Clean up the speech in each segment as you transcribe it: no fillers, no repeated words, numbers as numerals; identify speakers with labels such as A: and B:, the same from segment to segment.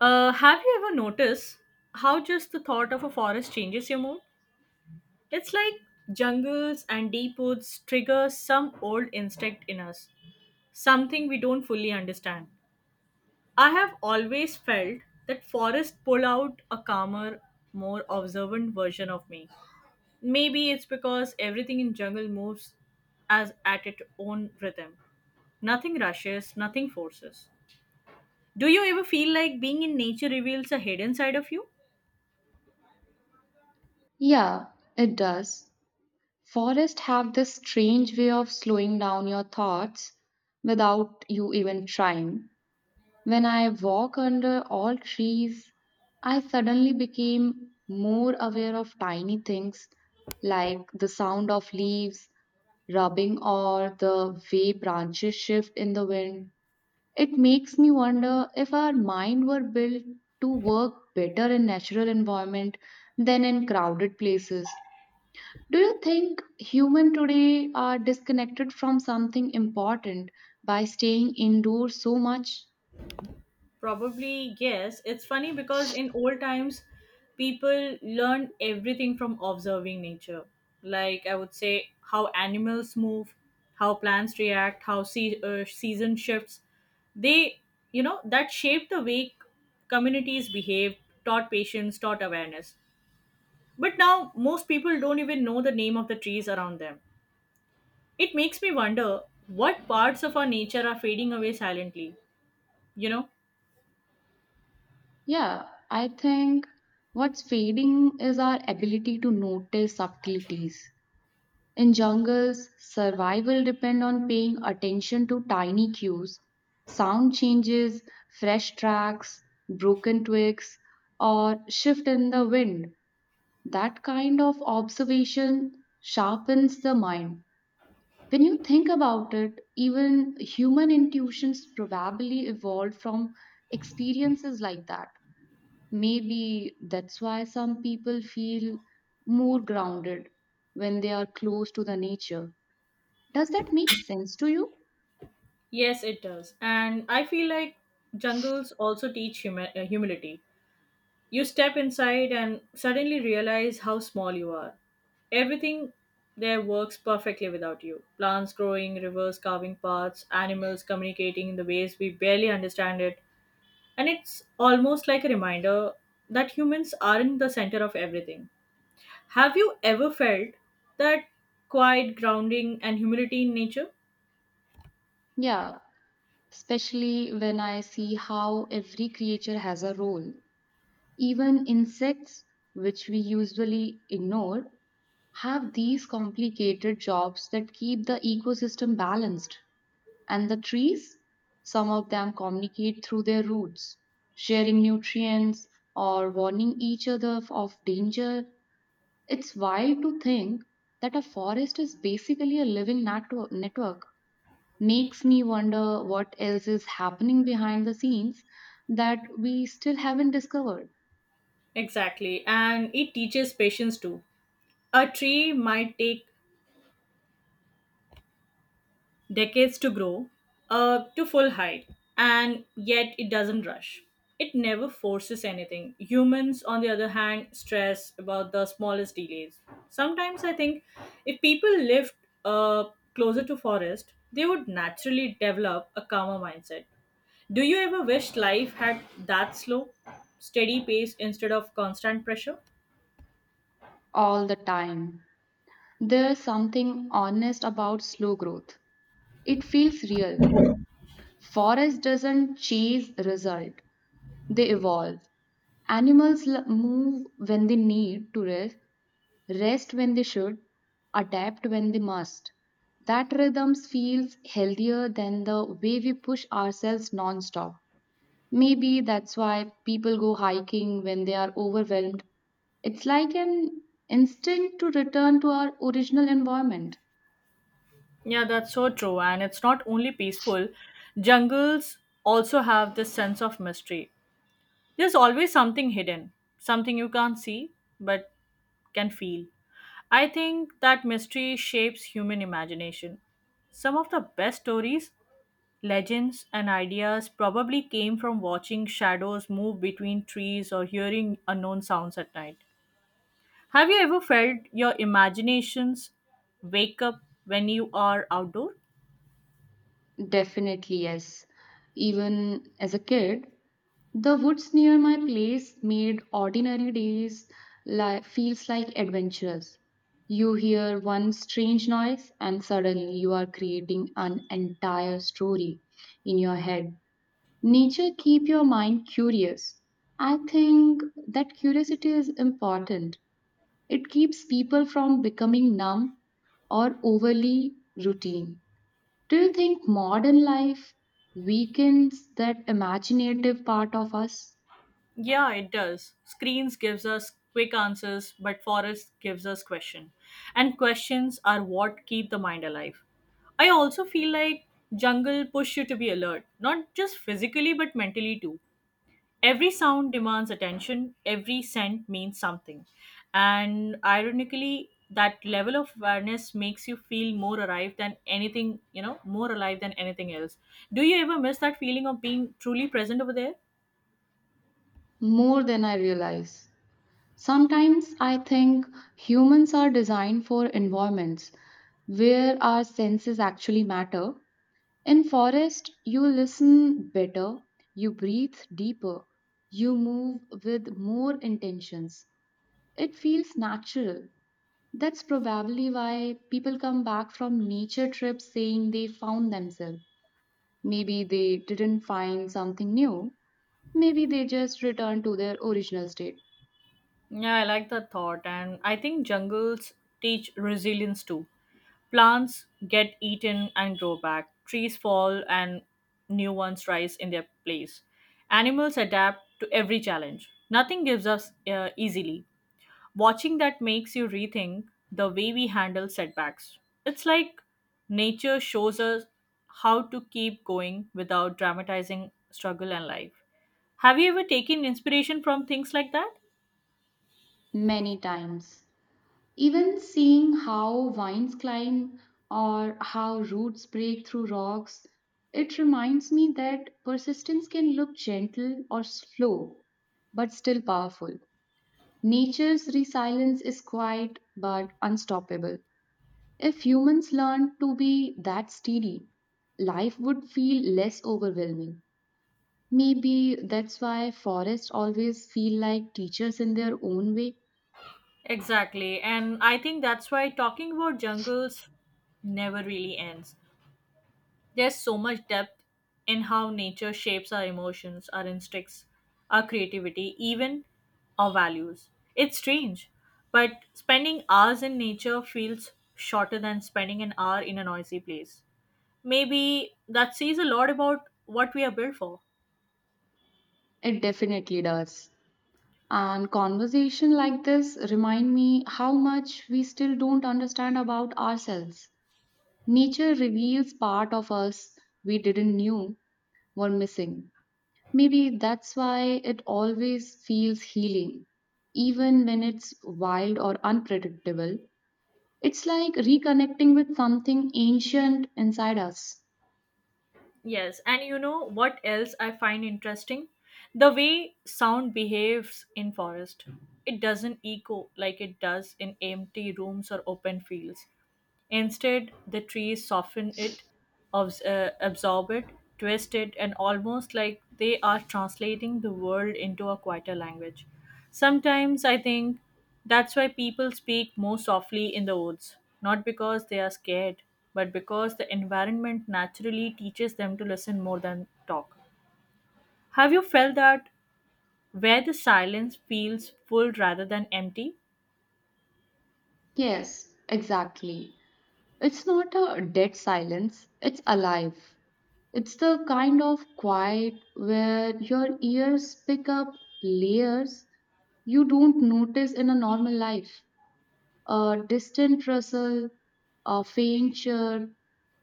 A: Have you ever noticed how just the thought of a forest changes your mood? It's like jungles and deep woods trigger some old instinct in us, something we don't fully understand. I have always felt that forests pull out a calmer, more observant version of me. Maybe it's because everything in jungle moves as at its own rhythm. Nothing rushes, nothing forces. Do you ever feel like being in nature reveals a hidden side of you?
B: Yeah, it does. Forests have this strange way of slowing down your thoughts without you even trying. When I walk under all trees, I suddenly became more aware of tiny things like the sound of leaves rubbing or the way branches shift in the wind. It makes me wonder if our mind were built to work better in natural environment than in crowded places. Do you think humans today are disconnected from something important by staying indoors so much?
A: Probably, yes. It's funny because in old times, people learned everything from observing nature. Like, I would say, how animals move, how plants react, how season shifts. They, you know, that shaped the way communities behaved, taught patience, taught awareness. But now, most people don't even know the name of the trees around them. It makes me wonder what parts of our nature are fading away silently, you know?
B: Yeah, I think what's fading is our ability to notice subtleties. In jungles, survival depend on paying attention to tiny cues, sound changes, fresh tracks, broken twigs, or shift in the wind. That kind of observation sharpens the mind. When you think about it, even human intuitions probably evolved from experiences like that. Maybe that's why some people feel more grounded when they are close to the nature. Does that make sense to you?
A: Yes, it does. And I feel like jungles also teach humility. You step inside and suddenly realize how small you are. Everything there works perfectly without you. Plants growing, rivers carving paths, animals communicating in the ways we barely understand it. And it's almost like a reminder that humans aren't the center of everything. Have you ever felt that quiet grounding and humility in nature?
B: Yeah, especially when I see how every creature has a role. Even insects, which we usually ignore, have these complicated jobs that keep the ecosystem balanced. And the trees, some of them communicate through their roots, sharing nutrients or warning each other of danger. It's wild to think that a forest is basically a living network. Makes me wonder what else is happening behind the scenes that we still haven't discovered
A: Exactly. And it teaches patience too. A tree might take decades to grow to full height, and yet it doesn't rush. It never forces anything. Humans, on the other hand, stress about the smallest delays. Sometimes I think if people lived uh, closer to forest, they would naturally develop a calmer mindset. Do you ever wish life had that slow, steady pace instead of constant pressure?
B: all the time. There's something honest about slow growth. It feels real. Forest doesn't chase result, they evolve. Animals move when they need to rest, rest when they should, adapt when they must. That rhythm feels healthier than the way we push ourselves nonstop. Maybe that's why people go hiking when they are overwhelmed. It's like an instinct to return to our original environment.
A: Yeah, that's so true. And it's not only peaceful, jungles also have this sense of mystery. There's always something hidden, something you can't see but can feel. I think that mystery shapes human imagination. Some of the best stories, legends, and ideas probably came from watching shadows move between trees or hearing unknown sounds at night. Have you ever felt your imaginations wake up when you are outdoors?
B: Definitely, yes. Even as a kid, the woods near my place made ordinary days feels like adventures. You hear one strange noise and suddenly you are creating an entire story in your head. Nature keep your mind curious. I think that curiosity is important. It keeps people from becoming numb or overly routine. Do you think modern life weakens that imaginative part of us?
A: Yeah, it does. Screens gives us quick answers, but forest gives us question. And questions are what keep the mind alive. I also feel like jungle push you to be alert, not just physically but mentally too. Every sound demands attention, every scent means something. And ironically, that level of awareness makes you feel more alive than anything, you know, more alive than anything else. Do you ever miss that feeling of being truly present over there?
B: More than I realize. Sometimes I think humans are designed for environments where our senses actually matter. In forest, you listen better, you breathe deeper, you move with more intentions. It feels natural. That's probably why people come back from nature trips saying they found themselves. Maybe they didn't find something new. Maybe they just returned to their original state.
A: Yeah, I like that thought. And I think jungles teach resilience too. Plants get eaten and grow back, trees fall and new ones rise in their place. Animals adapt to every challenge. Nothing gives us easily. Watching that makes you rethink the way we handle setbacks. It's like nature shows us how to keep going without dramatizing struggle and life. Have you ever taken inspiration from things like that?
B: Many times. Even seeing how vines climb or how roots break through rocks, it reminds me that persistence can look gentle or slow, but still powerful. Nature's resilience is quiet but unstoppable. If humans learned to be that steady, life would feel less overwhelming. Maybe that's why forests always feel like teachers in their own way.
A: Exactly. And I think that's why talking about jungles never really ends. There's so much depth in how nature shapes our emotions, our instincts, our creativity, even our values. It's strange, but spending hours in nature feels shorter than spending an hour in a noisy place. Maybe that says a lot about what we are built for.
B: It definitely does. And conversation like this remind me how much we still don't understand about ourselves. Nature reveals part of us we didn't knew were missing. Maybe that's why it always feels healing, even when it's wild or unpredictable. It's like reconnecting with something ancient inside us.
A: Yes, and you know what else I find interesting? The way sound behaves in forest. It doesn't echo like it does in empty rooms or open fields. Instead, the trees soften it, absorb it, twist it, and almost like they are translating the world into a quieter language. Sometimes I think that's why people speak more softly in the woods, not because they are scared, but because the environment naturally teaches them to listen more than talk. Have you felt that where the silence feels full rather than empty?
B: Yes, exactly. It's not a dead silence, it's alive. It's the kind of quiet where your ears pick up layers you don't notice in a normal life. A distant rustle, a faint chirp,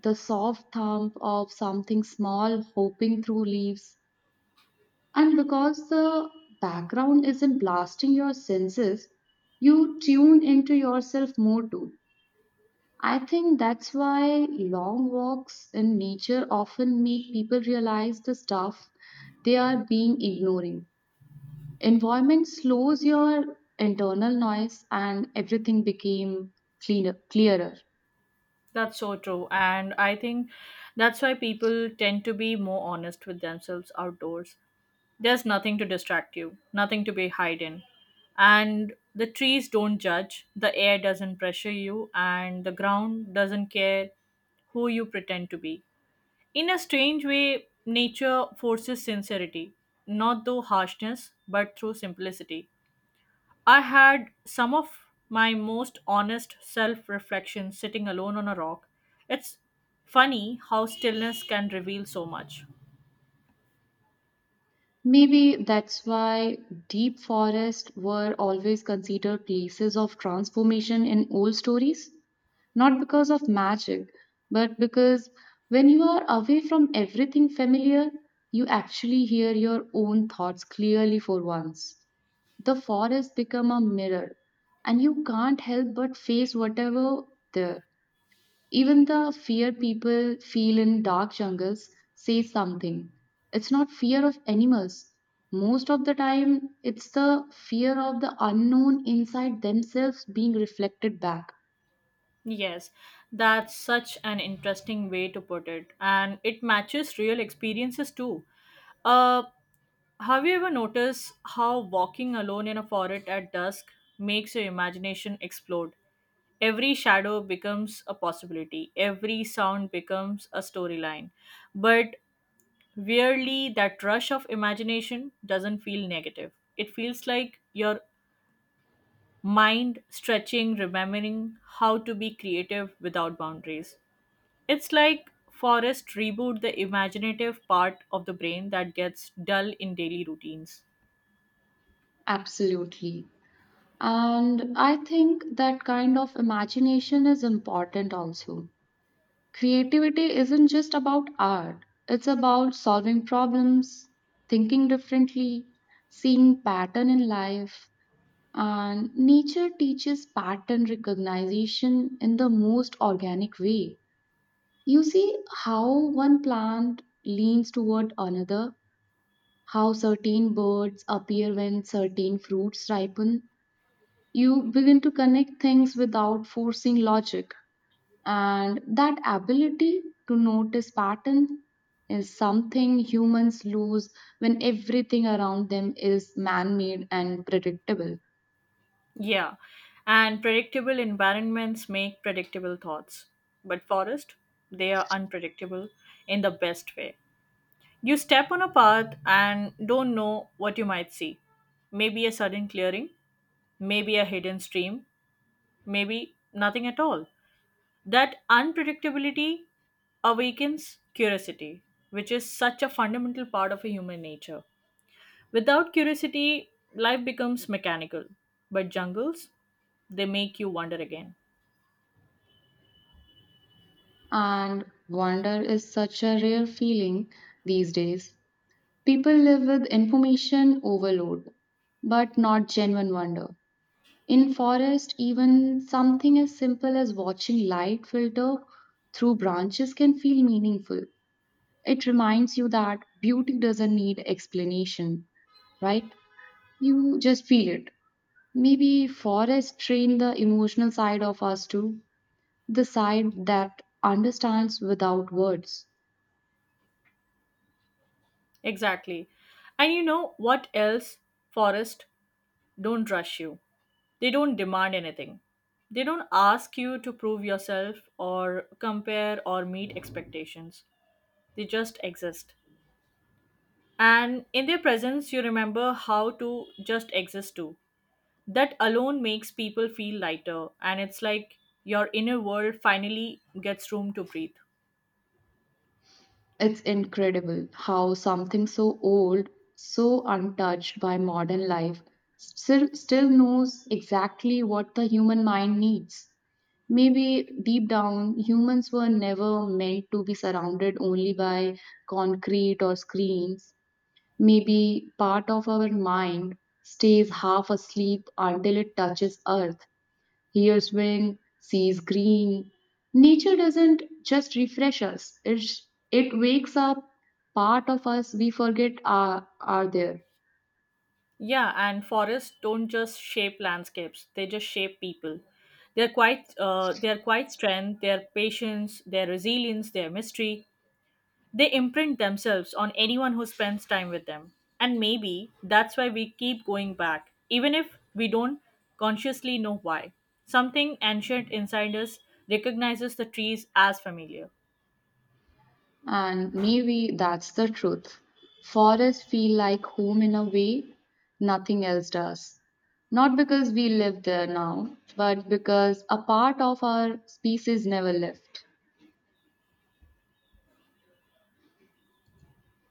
B: the soft thump of something small hopping through leaves. And because the background isn't blasting your senses, you tune into yourself more too. I think that's why long walks in nature often make people realize the stuff they are being ignoring. Environment slows your internal noise and everything became cleaner, clearer.
A: That's so true. And I think that's why people tend to be more honest with themselves outdoors. There's nothing to distract you, nothing to be hidden. And the trees don't judge, the air doesn't pressure you, and the ground doesn't care who you pretend to be. In a strange way, nature forces sincerity, not through harshness, but through simplicity. I had some of my most honest self reflection sitting alone on a rock. It's funny how stillness can reveal so much.
B: Maybe that's why deep forests were always considered places of transformation in old stories. Not because of magic, but because when you are away from everything familiar, you actually hear your own thoughts clearly for once. The forest become a mirror, and you can't help but face whatever there. Even the fear people feel in dark jungles says something. It's not fear of animals. Most of the time, it's the fear of the unknown inside themselves being reflected back.
A: Yes, that's such an interesting way to put it, and it matches real experiences too. Uh, have you ever noticed how walking alone in a forest at dusk makes your imagination explode? Every shadow becomes a possibility, every sound becomes a storyline. But weirdly, that rush of imagination doesn't feel negative. It feels like your mind stretching, remembering how to be creative without boundaries. It's like forest reboot the imaginative part of the brain that gets dull in daily routines.
B: Absolutely. And I think that kind of imagination is important also. Creativity isn't just about art, it's about solving problems, thinking differently, seeing pattern in life. And nature teaches pattern recognition in the most organic way. You see how one plant leans toward another, how certain birds appear when certain fruits ripen. You begin to connect things without forcing logic. And that ability to notice pattern is something humans lose when everything around them is man made and predictable.
A: Yeah, and predictable environments make predictable thoughts. But forest, they are unpredictable in the best way. You step on a path and don't know what you might see. Maybe a sudden clearing, maybe a hidden stream, maybe nothing at all. That unpredictability awakens curiosity, which is such a fundamental part of a human nature. Without curiosity, life becomes mechanical, but jungles, they make you wonder again.
B: And wonder is such a rare feeling these days. People live with information overload, but not genuine wonder. In forest, even something as simple as watching light filter through branches can feel meaningful. It reminds you that beauty doesn't need explanation, right? You just feel it. Maybe forests train the emotional side of us too, the side that understands without words.
A: Exactly. And you know what else? Forest don't rush you. They don't demand anything. They don't ask you to prove yourself or compare or meet expectations. They just exist. And in their presence, you remember how to just exist too. That alone makes people feel lighter, and it's like your inner world finally gets room to breathe.
B: It's incredible how something so old, so untouched by modern life, still knows exactly what the human mind needs. Maybe deep down, humans were never meant to be surrounded only by concrete or screens. Maybe part of our mind stays half asleep until it touches earth hears wind, sees green. Nature doesn't just refresh us, it wakes up part of us we forget are there.
A: Yeah, and forests don't just shape landscapes, they just shape people. They're quite strength, their patience, their resilience, their mystery. They imprint themselves on anyone who spends time with them. And maybe that's why we keep going back, even if we don't consciously know why. Something ancient inside us recognizes the trees as familiar.
B: And maybe that's the truth. Forests feel like home in a way nothing else does. Not because we live there now, but because a part of our species never left.